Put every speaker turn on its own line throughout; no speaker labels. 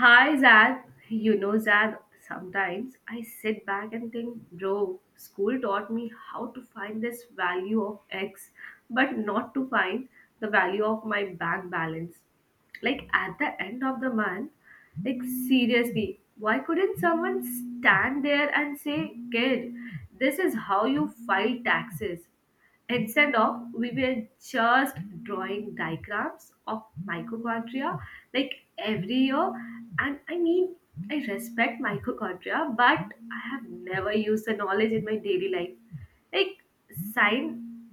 Hi Zad, you know Zad, sometimes I sit back and think, bro, school taught me how to find this value of X, but not to find the value of my bank balance. Like at the end of the month, like seriously, why couldn't someone stand there and say, kid, this is how you file taxes? Instead of, we were just drawing diagrams of mitochondria like every year. And I mean, I respect mitochondria, but I have never used the knowledge in my daily life. Like, sign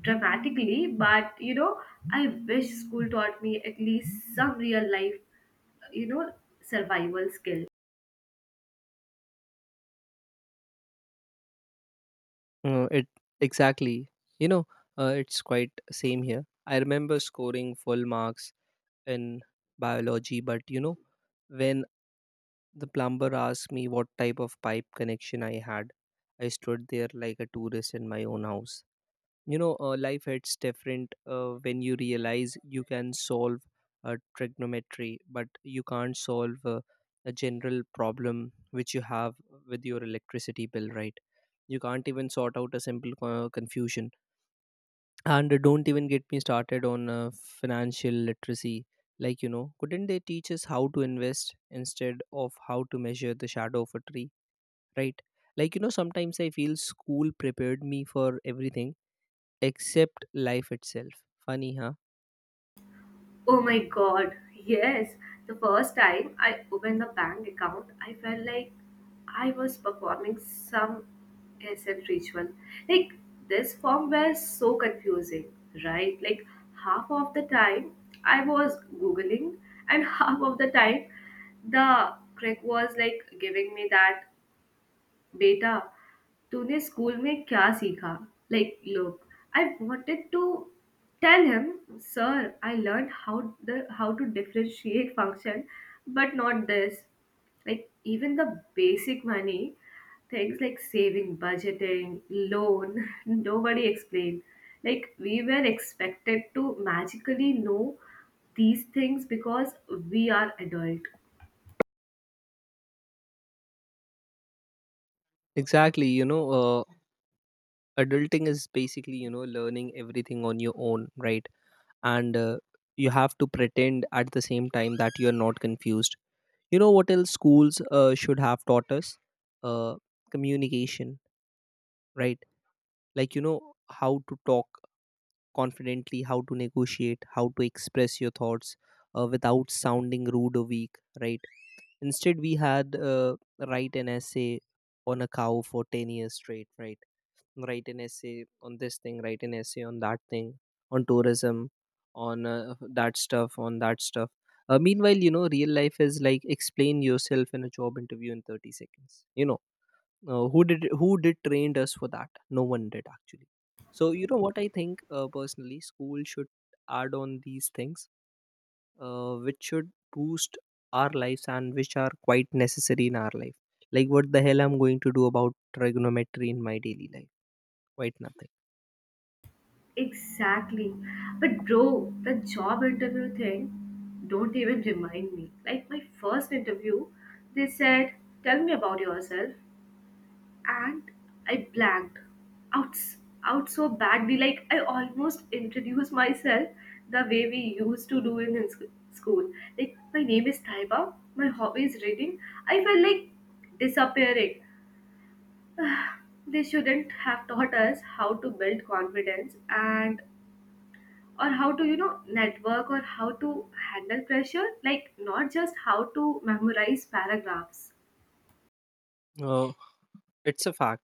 dramatically, but I wish school taught me at least some real life, you know, survival skill.
It Exactly. You know, it's quite same here. I remember scoring full marks in biology, but you know, when the plumber asked me what type of pipe connection I had, I stood there like a tourist in my own house. You know, life hits different when you realize you can solve a trigonometry, but you can't solve a general problem which you have with your electricity bill, right? You can't even sort out a simple confusion. And don't even get me started on financial literacy. Like, you know, couldn't they teach us how to invest instead of how to measure the shadow of a tree, right? Like, you know, sometimes I feel school prepared me for everything except life itself. Funny, huh?
Oh my god, yes. The first time I opened the bank account, I felt like I was performing some SM ritual. Like, this form was so confusing, right? Like, half of the time I was Googling, and half of the time the crick was like giving me that बेटा तूने school में क्या सीखा. Like look, I wanted to tell him, sir, I learned how the how to differentiate function, but not this. Like even the basic money things like saving, budgeting, loan, nobody explained. Like we were expected to magically know these things because we are adult.
Exactly, you know, adulting is basically, you know, learning everything on your own, right? And you have to pretend at the same time that you are not confused. You know what else schools should have taught us? uh, Communication, right? Like, you know, how to talk confidently, how to negotiate, how to express your thoughts without sounding rude or weak, right? Instead we had write an essay on a cow for 10 years straight, right? Write an essay on this thing, write an essay on that thing, on tourism, on that stuff, on that stuff. Meanwhile, you know, real life is like, explain yourself in a job interview in 30 seconds, you know. Who did trained us for that? No one did, actually. So you know what I think, personally, school should add on these things, which should boost our lives and which are quite necessary in our life. Like, what the hell I'm going to do about trigonometry in my daily life? Quite nothing.
Exactly. But bro, the job interview thing, don't even remind me. Like my first interview, they said, "Tell me about yourself," and I blanked out out so badly. Like I almost introduced myself the way we used to do in school. Like my name is Taiba. My hobby is reading. I felt like disappearing. They shouldn't have taught us how to build confidence and or how to, you know, network, or how to handle pressure, like not just how to memorize paragraphs.
Uh, it's a fact,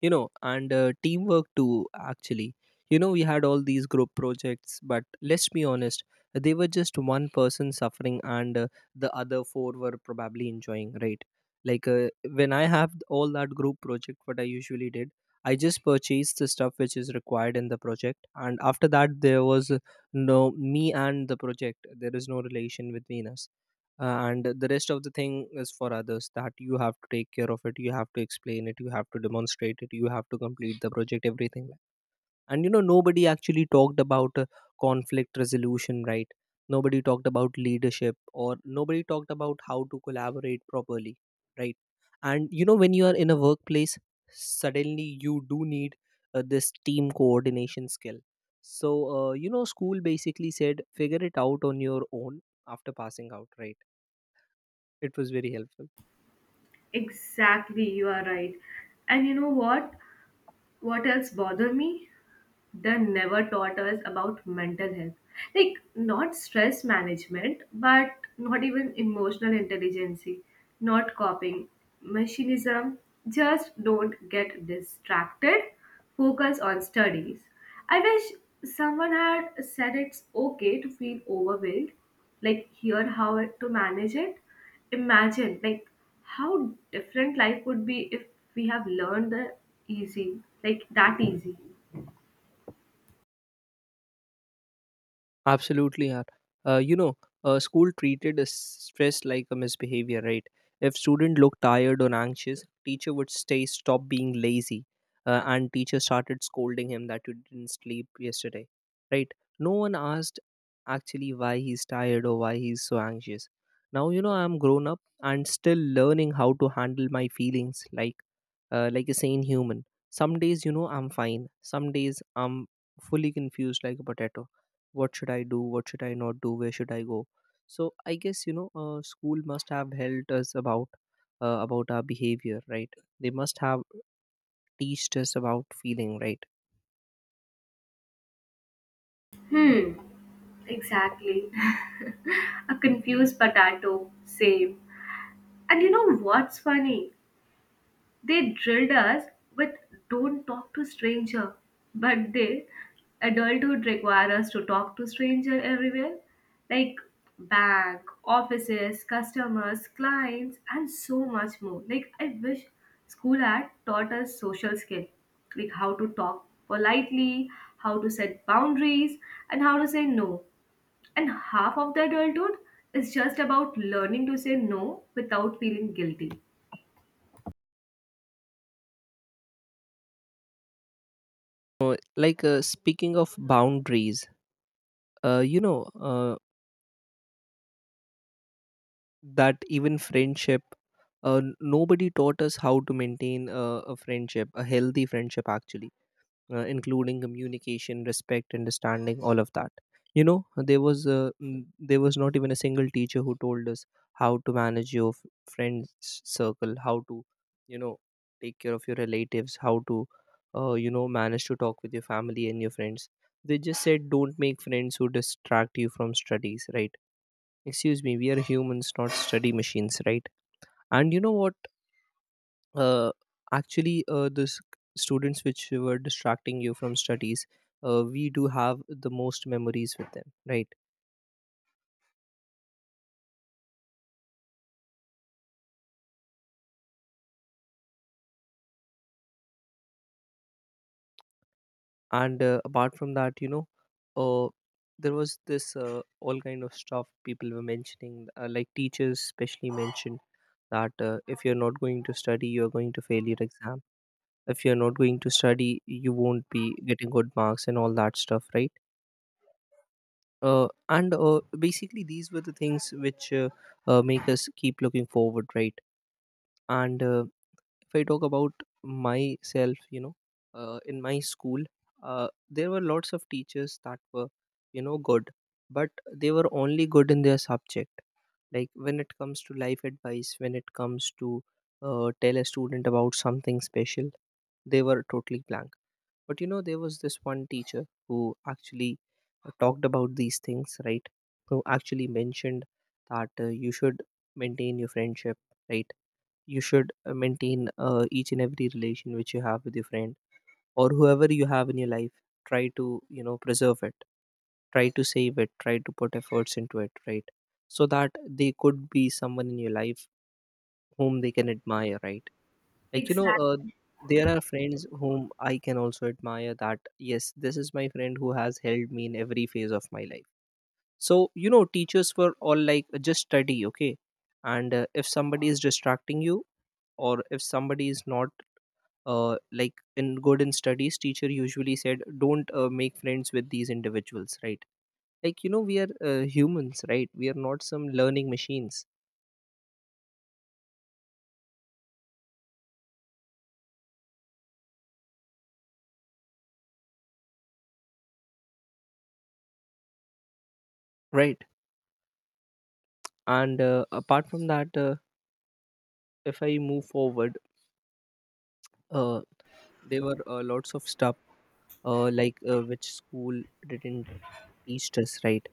you know, and teamwork too, actually. You know, we had all these group projects, but let's be honest, they were just one person suffering and the other four were probably enjoying, right? Like when I have all that group project, what I usually did, I just purchased the stuff which is required in the project, and after that, there was no me and the project, there is no relation between us, and the rest of the thing is for others, that you have to take care of it, you have to explain it, you have to demonstrate it, you have to complete the project, everything. And you know, nobody actually talked about conflict resolution, right? Nobody talked about leadership, or nobody talked about how to collaborate properly, right? And you know, when you are in a workplace, suddenly you do need this team coordination skill. So you know, school basically said figure it out on your own after passing out, right? It was very helpful.
Exactly, you are right. And you know what else bother me, they never taught us about mental health, like not stress management, but not even emotional intelligence, not coping machinism, just don't get distracted, focus on studies. I wish someone had said it's okay to feel overwhelmed, like here how to manage it. Imagine like how different life would be if we have learned the easy, like that easy.
Absolutely, yeah. You know, school treated stress like a misbehavior, right? If student looked tired or anxious, teacher would say, "Stop being lazy," and teacher started scolding him that you didn't sleep yesterday, right? No one asked actually why he's tired or why he's so anxious. Now you know, I'm grown up and still learning how to handle my feelings, like a sane human. Some days, you know, I'm fine. Some days, I'm fully confused like a potato. What should I do? What should I not do? Where should I go? So I guess, you know, school must have helped us about our behavior, right? They must have teached us about feeling, right?
Hmm. Exactly. A confused potato. Same. And you know what's funny? They drilled us with don't talk to stranger. But they, adulthood require us to talk to stranger everywhere. Like bank, offices, customers, clients, and so much more. Like I wish school had taught us social skill. Like how to talk politely, how to set boundaries, and how to say no, and half of the adulthood is just about learning to say no without feeling guilty.
Speaking of boundaries, you know, that even friendship. Nobody taught us how to maintain a friendship, a healthy friendship, actually, including communication, respect, understanding, all of that. You know, there was there was not even a single teacher who told us how to manage your friends circle, how to, you know, take care of your relatives, how to you know, manage to talk with your family and your friends. They just said don't make friends who distract you from studies, right? Excuse me, we are humans, not study machines, right? And you know what, uh, actually students which were distracting you from studies, we do have the most memories with them, right? And apart from that, you know, uh, there was this all kind of stuff people were mentioning, like teachers especially mentioned that if you're not going to study, you're going to fail your exam. If you're not going to study, you won't be getting good marks and all that stuff, right? And Basically, these were the things which make us keep looking forward, right? And if I talk about myself, you know, in my school, there were lots of teachers that were, you know, good, but they were only good in their subject. Like, when it comes to life advice, when it comes to tell a student about something special, they were totally blank. But you know, there was this one teacher who actually talked about these things, right? Who actually mentioned that you should maintain your friendship, right? You should maintain each and every relation which you have with your friend or whoever you have in your life. Try to, you know, preserve it, try to save it, try to put efforts into it, right? So that they could be someone in your life whom they can admire, right? Like, you know,
Exactly,
there are friends whom I can also admire, that yes, this is my friend who has held me in every phase of my life. So you know, teachers were all like just study, okay. And if somebody is distracting you or if somebody is not like in good in studies, teacher usually said, don't make friends with these individuals, right? Like you know, we are humans, right? We are not some learning machines, right? And apart from that, if I move forward, uh, there were lots of stuff like which school didn't teach us, right?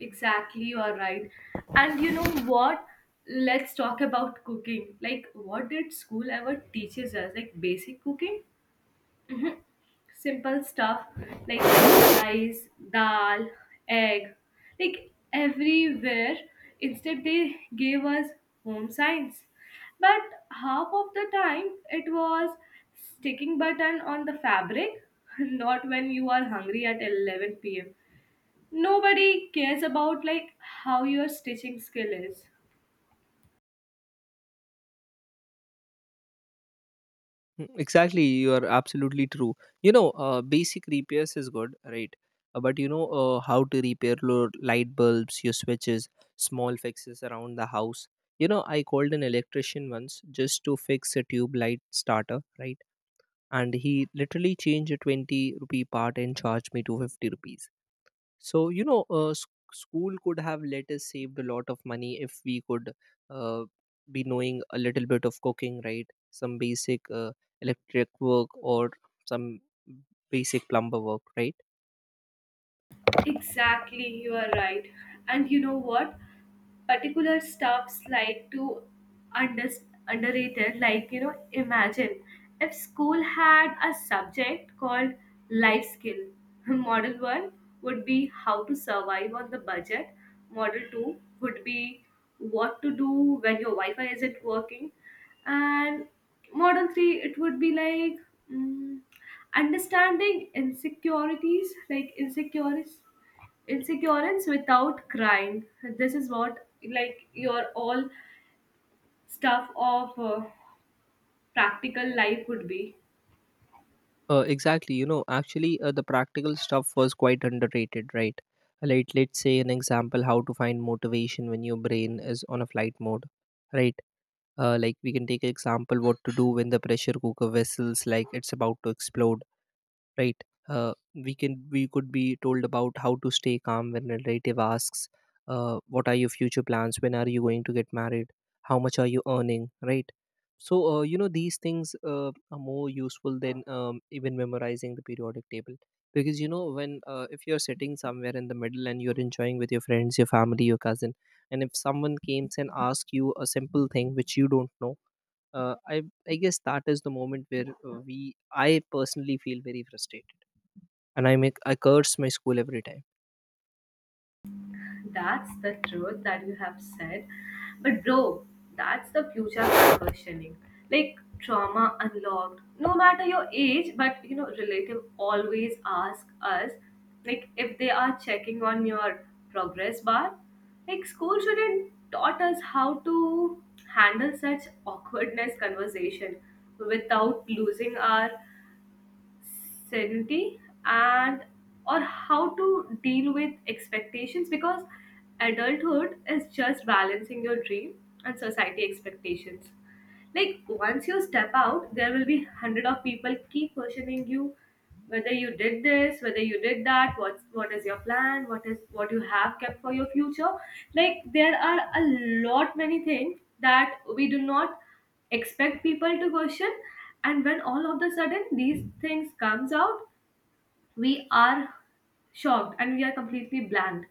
exactly, you are right. And you know what? Let's talk about cooking. Like, what did school ever teaches us? Like basic cooking? Simple stuff like rice, dal, egg, like everywhere. Instead, they gave us home science. But half of the time, it was sticking button on the fabric, not when you are hungry at 11 pm. Nobody cares about like how your stitching skill is.
Mm, exactly, you are absolutely true. You know, basic repairs is good, right? But you know, how to repair your light bulbs, your switches, small fixes around the house. You know, I called an electrician once just to fix a tube light starter, right? And he literally changed a 20 rupee part and charged me 250 rupees. So, you know, school could have let us saved a lot of money if we could uh, be knowing a little bit of cooking, right? Some basic electric work or some basic plumber work, right?
Exactly, you are right. And you know what? Particular stuffs like to under, underrated, like you know, imagine if school had a subject called life skill. Model one would be how to survive on the budget. Model two would be what to do when your Wi-Fi isn't working, and model three it would be like mm, understanding insecurities, like insecurities insecurance without crying. This is what, like your all stuff of practical life would be.
Exactly. You know, actually, the practical stuff was quite underrated, right? Like, let's say an example, how to find motivation when your brain is on a flight mode, right? Like, we can take an example, what to do when the pressure cooker vessels, like it's about to explode, right? We could be told about how to stay calm when a relative asks, what are your future plans, when are you going to get married, how much are you earning, right? So you know, these things are more useful than even memorizing the periodic table. Because you know, when if you're sitting somewhere in the middle and you're enjoying with your friends, your family, your cousin, and if someone comes and asks you a simple thing which you don't know, uh, I I guess that is the moment where we I personally feel very frustrated, and I curse my school every time.
That's the truth that you have said. But bro, that's the future of questioning. Like trauma unlocked. No matter your age, but you know, relative always ask us, like if they are checking on your progress bar. Like school shouldn't taught us how to handle such awkwardness conversation without losing our certainty, and or how to deal with expectations, because adulthood is just balancing your dream and society expectations. Like once you step out, there will be hundred of people keep questioning you, whether you did this, whether you did that, what is your plan, what you have kept for your future. Like there are a lot many things that we do not expect people to question, and when all of the sudden these things comes out, we are shocked and we are completely blanked,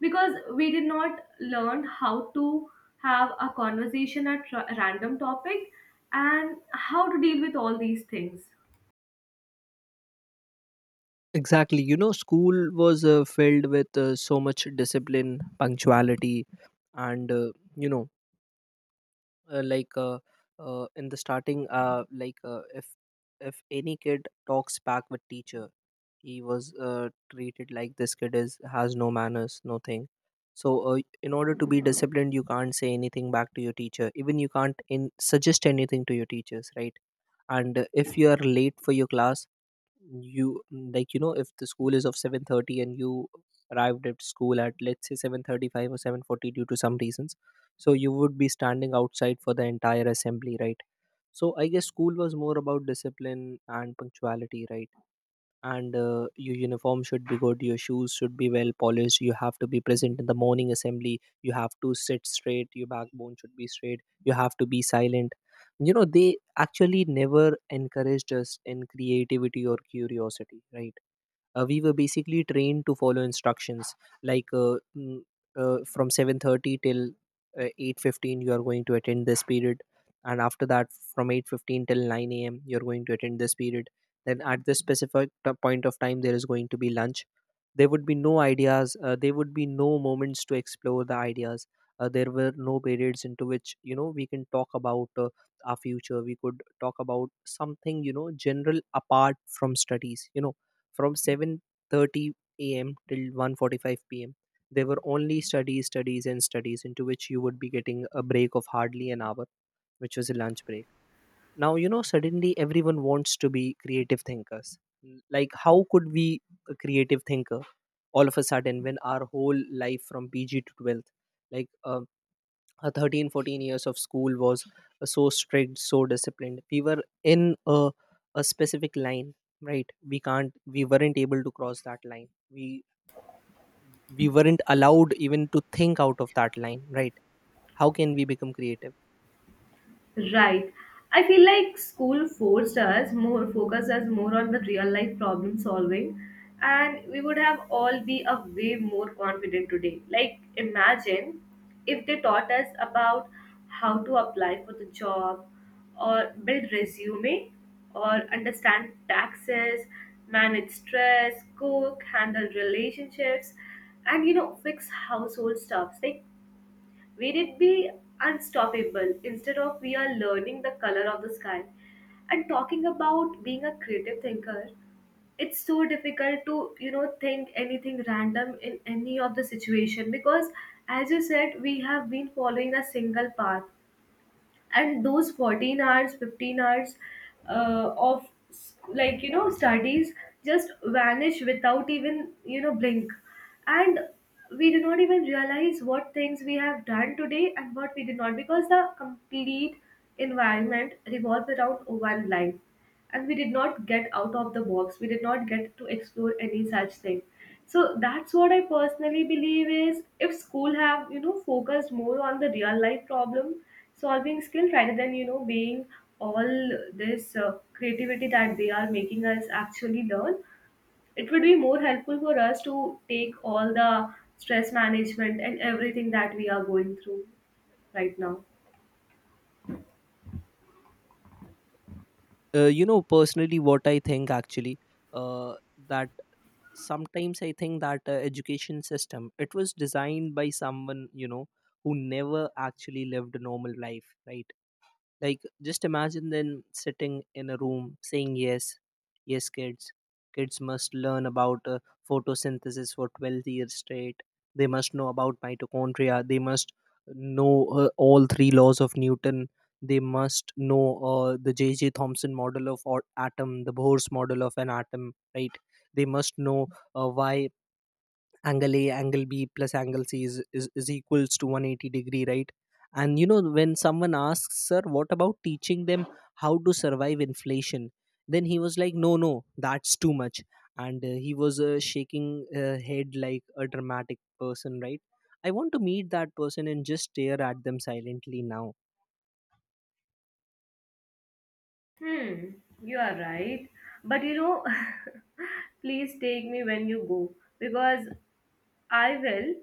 because we did not learn how to have a conversation at random topic and how to deal with all these things.
Exactly. You know, school was filled with so much discipline, punctuality, and uh, like uh, in the starting, if any kid talks back with teacher, he was treated like this kid is has no manners nothing. So in order to be disciplined, you can't say anything back to your teacher. Even you can't in suggest anything to your teachers, right? And if you are late for your class, you like, you know, if the school is of 7:30 and you arrived at school at let's say 7:35 or 7:40 due to some reasons, so you would be standing outside for the entire assembly, right? So I guess school was more about discipline and punctuality, right? And your uniform should be good, your shoes should be well polished, you have to be present in the morning assembly, you have to sit straight, your backbone should be straight, you have to be silent. You know, they actually never encouraged us in creativity or curiosity, right? We were basically trained to follow instructions, like from 7:30 till 8:15 you are going to attend this period. And after that, from 8:15 till 9 a.m. you're going to attend this period. Then at this specific point of time there is going to be lunch. There would be no ideas, there would be no moments to explore the ideas. There were no periods into which, you know, we can talk about our future. We could talk about something, you know, general apart from studies. From 7:30 a.m. till 1:45 p.m. there were only studies, studies, and studies into which you would be getting a break of hardly an hour, which was a lunch break. Now, you know, suddenly everyone wants to be creative thinkers. Like, how could we, a creative thinker, all of a sudden, when our whole life from PG to 12th, like uh, 13, 14 years of school was so strict, so disciplined, we were in a specific line, right? We weren't able to cross that line. We weren't allowed even to think out of that line, right? How can we become creative?
Right. I feel like school forced us more focused us more on the real life problem solving, and we would have all be a way more confident today. Like imagine if they taught us about how to apply for the job, or build resume, or understand taxes, manage stress, cook, handle relationships, and you know, fix household stuffs. Like will it be unstoppable instead of we are learning the color of the sky? And talking about being a creative thinker, it's so difficult to, you know, think anything random in any of the situation, because as you said, we have been following a single path, and those 14 hours 15 hours of like you know studies just vanish without even you know blink, and we do not even realize what things we have done today and what we did not, because the complete environment revolves around one life, and we did not get out of the box, we did not get to explore any such thing. So that's what I personally believe is, if school have you know focused more on the real life problem solving skill rather than you know being all this creativity that they are making us actually learn, it would be more helpful for us to take all the stress management and everything that we are going through right now.
You know, personally what I think, actually, uh, that sometimes I think that education system, it was designed by someone, you know, who never actually lived a normal life, right? Like, just imagine them sitting in a room saying, yes, yes, kids. Kids must learn about photosynthesis for 12 years straight. They must know about mitochondria. They must know all three laws of Newton. They must know the J.J. Thomson model of atom, the Bohr's model of an atom, right? They must know why angle a angle b plus angle c is equals to 180 degree, right? And you know, when someone asks, sir, what about teaching them how to survive inflation, then he was like, no, no, that's too much. And he was shaking head like a dramatic person, right? I want to meet that person and just stare at them silently now.
Hmm, you are right. But you know, please take me when you go, because I will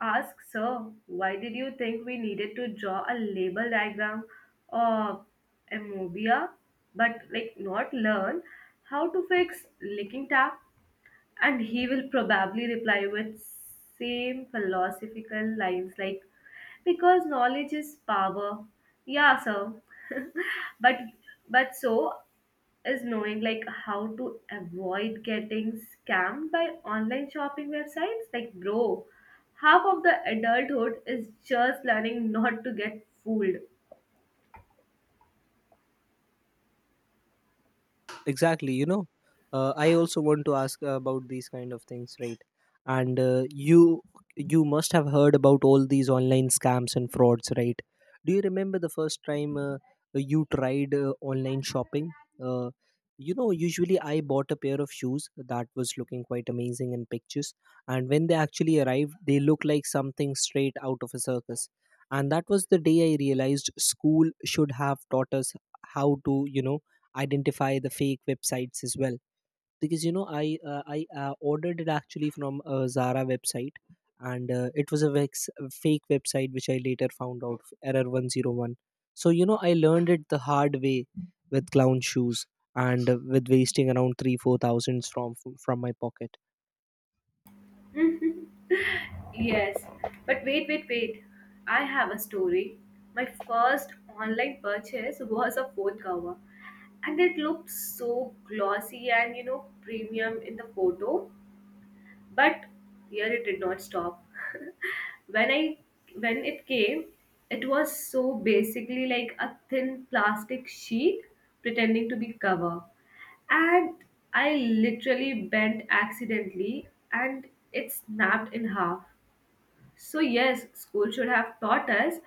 ask, sir, why did you think we needed to draw a label diagram of amphibia but like not learn how to fix leaking tap? And he will probably reply with same philosophical lines like because knowledge is power. Yeah, sir, but but so is knowing like how to avoid getting scammed by online shopping websites. Like bro, half of the adulthood is just learning not to get fooled.
Exactly, you know, I also want to ask about these kind of things, right? And you must have heard about all these online scams and frauds, right? Do you remember the first time you tried online shopping? uh, you know, usually I bought a pair of shoes that was looking quite amazing in pictures, and when they actually arrived, they looked like something straight out of a circus. And that was the day I realized school should have taught us how to, you know, identify the fake websites as well. Because, you know, I ordered it actually from a Zara website. And it was a fake website which I later found out, error 101. So, you know, I learned it the hard way with clown shoes, and with wasting around 3 4 thousands from my pocket.
Yes, but wait, wait, wait, I have a story. My first online purchase was a phone cover, and it looked so glossy and you know premium in the photo. But here it did not stop. when i when it came, it was so basically like a thin plastic sheet pretending to be cover, and I literally bent accidentally and it snapped in half. So yes, school should have taught us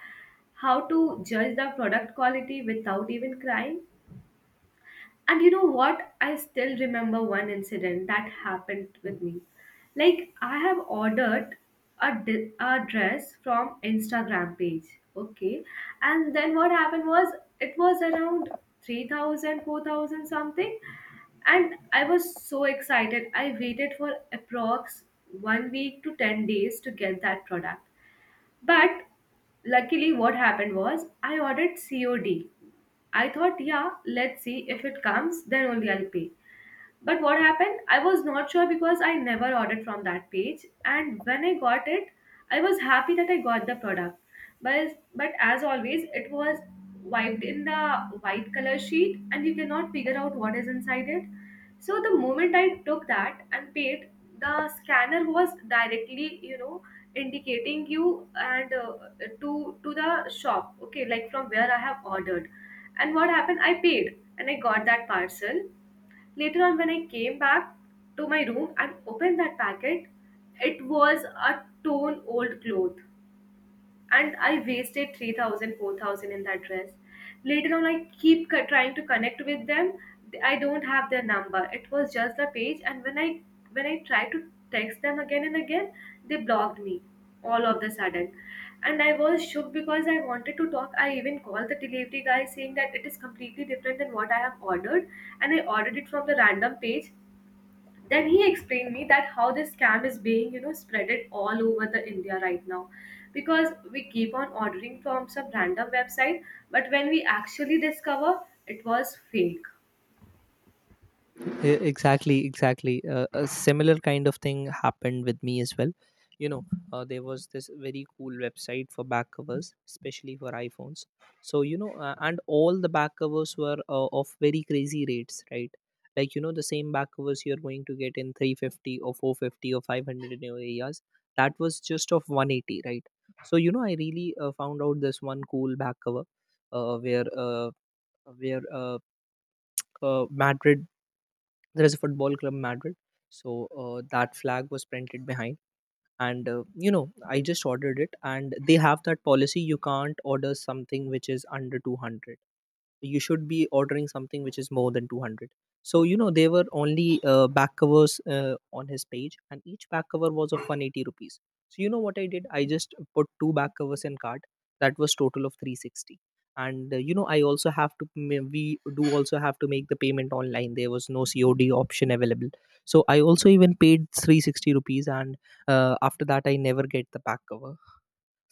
how to judge the product quality without even crying. And you know what? I still remember one incident that happened with me. Like I have ordered a dress from Instagram page, okay? And then what happened was it was around 3,000, 4,000 something, and I was so excited. I waited for approx 1 week to 10 days to get that product. But luckily what happened was I ordered COD. I thought, yeah, let's see if it comes, then only I'll pay. But what happened? I was not sure because I never ordered from that page. And when I got it, I was happy that I got the product. But as always, it was wiped in the white color sheet, and you cannot figure out what is inside it. So the moment I took that and paid, the scanner was directly, you know, indicating you and to the shop. Okay, like from where I have ordered. And what happened? I paid and I got that parcel. Later on, when I came back to my room and opened that packet, it was a torn old cloth, and I wasted 3,000, 4,000 in that dress. Later on, I keep trying to connect with them. I don't have their number. It was just the page, and when I tried to text them again and again, they blocked me all of the sudden. And I was shook because I wanted to talk. I even called the delivery guy saying that it is completely different than what I have ordered, and I ordered it from the random page. Then he explained me that how this scam is being you know spreaded all over the india right now, because we keep on ordering from some random website, but when we actually discover it was fake.
Exactly, exactly, a similar kind of thing happened with me as well. You know, there was this very cool website for back covers, especially for iphones. So, you know, and all the back covers were of very crazy rates, right? Like, you know, the same back covers you're going to get in 350 or 450 or 500 in your areas, that was just of 180, right? So, you know, I really found out this one cool back cover, uh, where uh, where Madrid, there is a football club Madrid. So that flag was printed behind. And you know, I just ordered it, and they have that policy, you can't order something which is under 200, you should be ordering something which is more than 200. So, you know, there were only back covers on his page, and each back cover was of 180 rupees. So you know what I did, I just put two back covers in cart, that was total of 360. And you know, I also have to m- we do also have to make the payment online, there was no COD option available. So I also even paid 360 rupees, and after that I never get the back cover,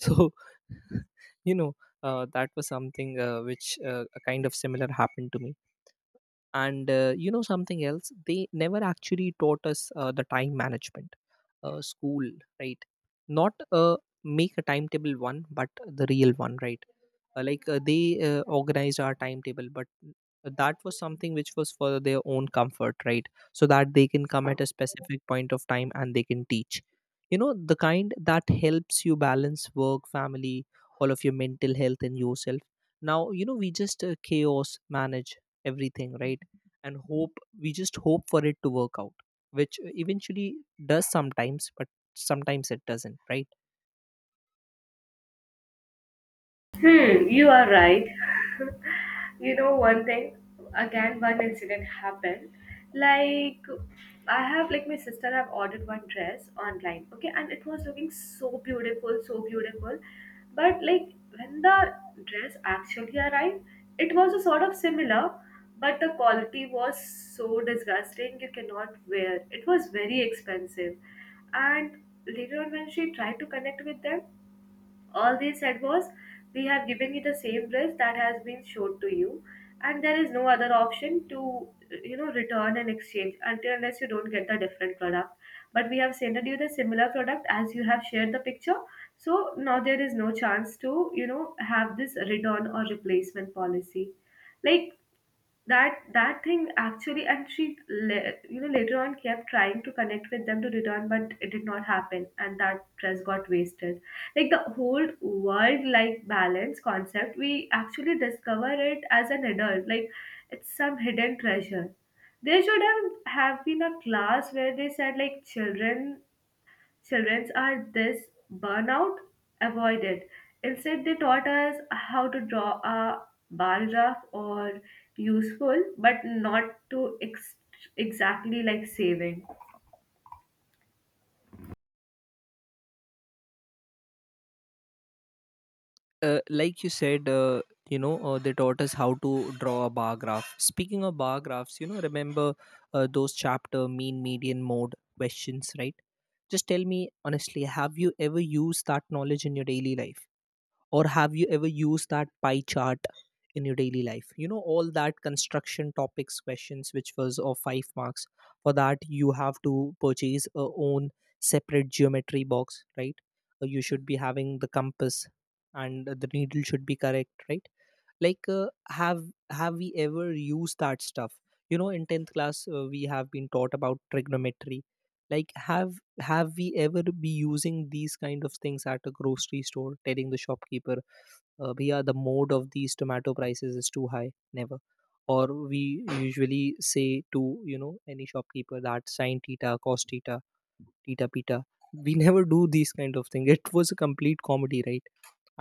so. You know, that was something, which a kind of similar happened to me. And you know, something else they never actually taught us, the time management, school, right? Not make a timetable one but the real one, right? They organized our timetable, but that was something which was for their own comfort, right? So that they can come at a specific point of time and they can teach, you know, the kind that helps you balance work, family, all of your mental health and yourself. Now, you know, we just chaos manage everything, right? And hope we just hope for it to work out, which eventually does sometimes, but sometimes it doesn't, right?
Hmm, you are right. You know, one thing, again, one incident happened. Like, I have, like, my sister have ordered one dress online, okay, and it was looking so beautiful, so beautiful. But, like, when the dress actually arrived, it was a sort of similar, but the quality was so disgusting, you cannot wear. It was very expensive. And later on, when she tried to connect with them, all they said was, we have given you the same dress that has been showed to you, and there is no other option to, you know, return and exchange until unless you don't get the different product. But we have sent you the similar product as you have shared the picture. So now there is no chance to, you know, have this return or replacement policy. Like, that thing actually, and she you know later on kept trying to connect with them to return, but it did not happen and that dress got wasted. Like the whole world like balance concept we actually discover it as an adult, like it's some hidden treasure. There should have been a class where they said, like children, children are this burnout avoided. Instead, they taught us how to draw a bar graph, or useful, but not to exactly like saving.
Like you said, you know, they taught us how to draw a bar graph. Speaking of bar graphs, you know, remember those chapter mean median mode questions, right? Just tell me honestly, have you ever used that knowledge in your daily life? Or have you ever used that pie chart in your daily life? You know, all that construction topics questions which was of 5 marks, for that you have to purchase a own separate geometry box, right? You should be having the compass and the needle should be correct, right? Like uh, have have we ever used that stuff? You know, in 10th class, we have been taught about trigonometry. Like, have we ever be using these kind of things at a grocery store, telling the shopkeeper, bhaiya, the mode of these tomato prices is too high? Never. Or we usually say to, you know, any shopkeeper that sine theta cos theta tita pita, we never do these kind of thing. It was a complete comedy, right?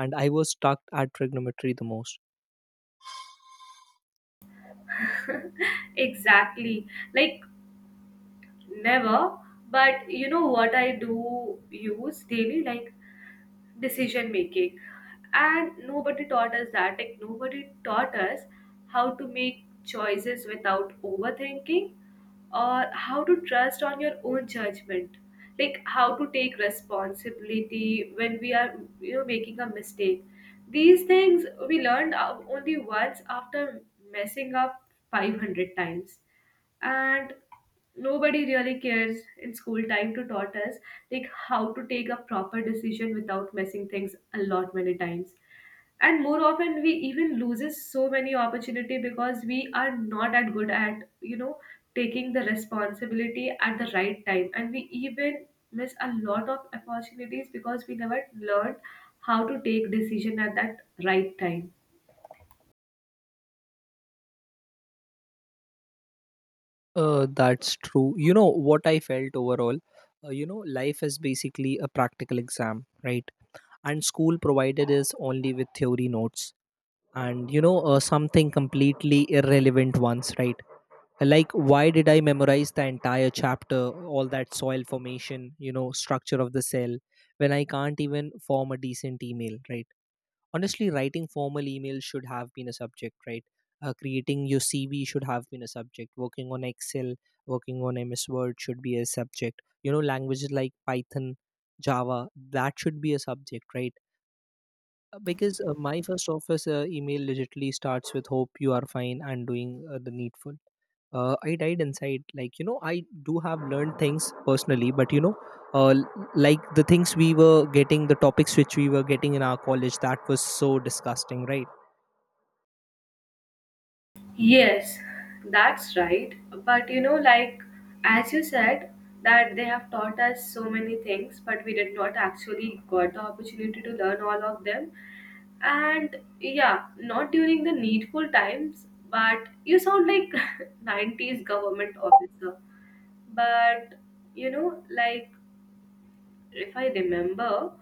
And I was stuck at trigonometry the most.
Exactly. Like never, but you know what I do use daily? Like decision making, and nobody taught us that, like nobody taught us how to make choices without overthinking, or how to trust on your own judgment, like how to take responsibility when we are you know making a mistake. These things we learned only once after messing up 500 times, and nobody really cares in school time to taught us like how to take a proper decision without messing things a lot many times, and more often we even loses so many opportunity because we are not at good at you know taking the responsibility at the right time, and we even miss a lot of opportunities because we never learned how to take decision at that right time.
That's true. You know what I felt overall, you know, life is basically a practical exam, right? And school provided is only with theory notes, and you know, something completely irrelevant ones, right? Like, why did I memorize the entire chapter, all that soil formation, you know, structure of the cell, when I can't even form a decent email, right? Honestly, writing formal emails should have been a subject, right? Creating your CV should have been a subject, working on Excel, working on MS Word should be a subject, you know, languages like Python, Java, that should be a subject, right? Because my first office email legitly starts with, hope you are fine and doing the needful. I died inside. Like, you know, I do have learned things personally, but you know, like the things we were getting, the topics which we were getting in our college, that was so disgusting, right?
Yes, that's right. But you know, like as you said, that they have taught us so many things, but we did not actually got the opportunity to learn all of them. And yeah, not during the needful times, but you sound like 90s government officer. But you know, like if I remember,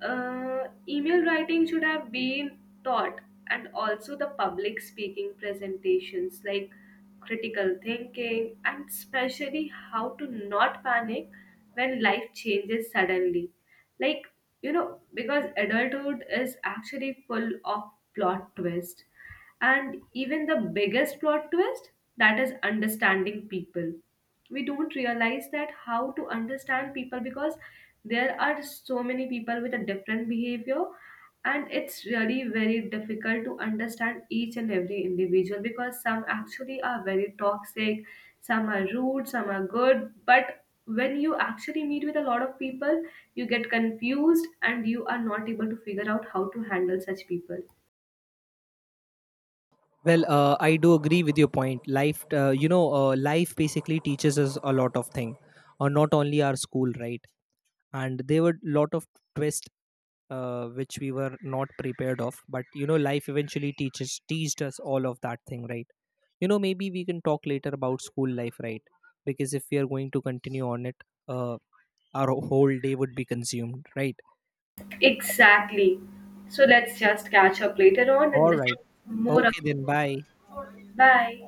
email writing should have been taught, and also the public speaking presentations, like critical thinking, and especially how to not panic when life changes suddenly. Like you know because adulthood is actually full of plot twists. And even the biggest plot twist, that is understanding people. We don't realize that how to understand people, because there are so many people with a different behavior, and it's really very difficult to understand each and every individual, because some actually are very toxic, some are rude, some are good, but when you actually meet with a lot of people, you get confused and you are not able to figure out how to handle such people.
Well, I do agree with your point. Life basically teaches us a lot of thing, not only our school, right? And there were lot of twists, which we were not prepared of, but you know, life eventually teaches teased us all of that thing, right? You know, maybe we can talk later about school life, right? Because if we are going to continue on it, uh, our whole day would be consumed, right?
Exactly. So let's just catch up later on and
All right.
discuss more. About-
Okay, then bye.
Bye.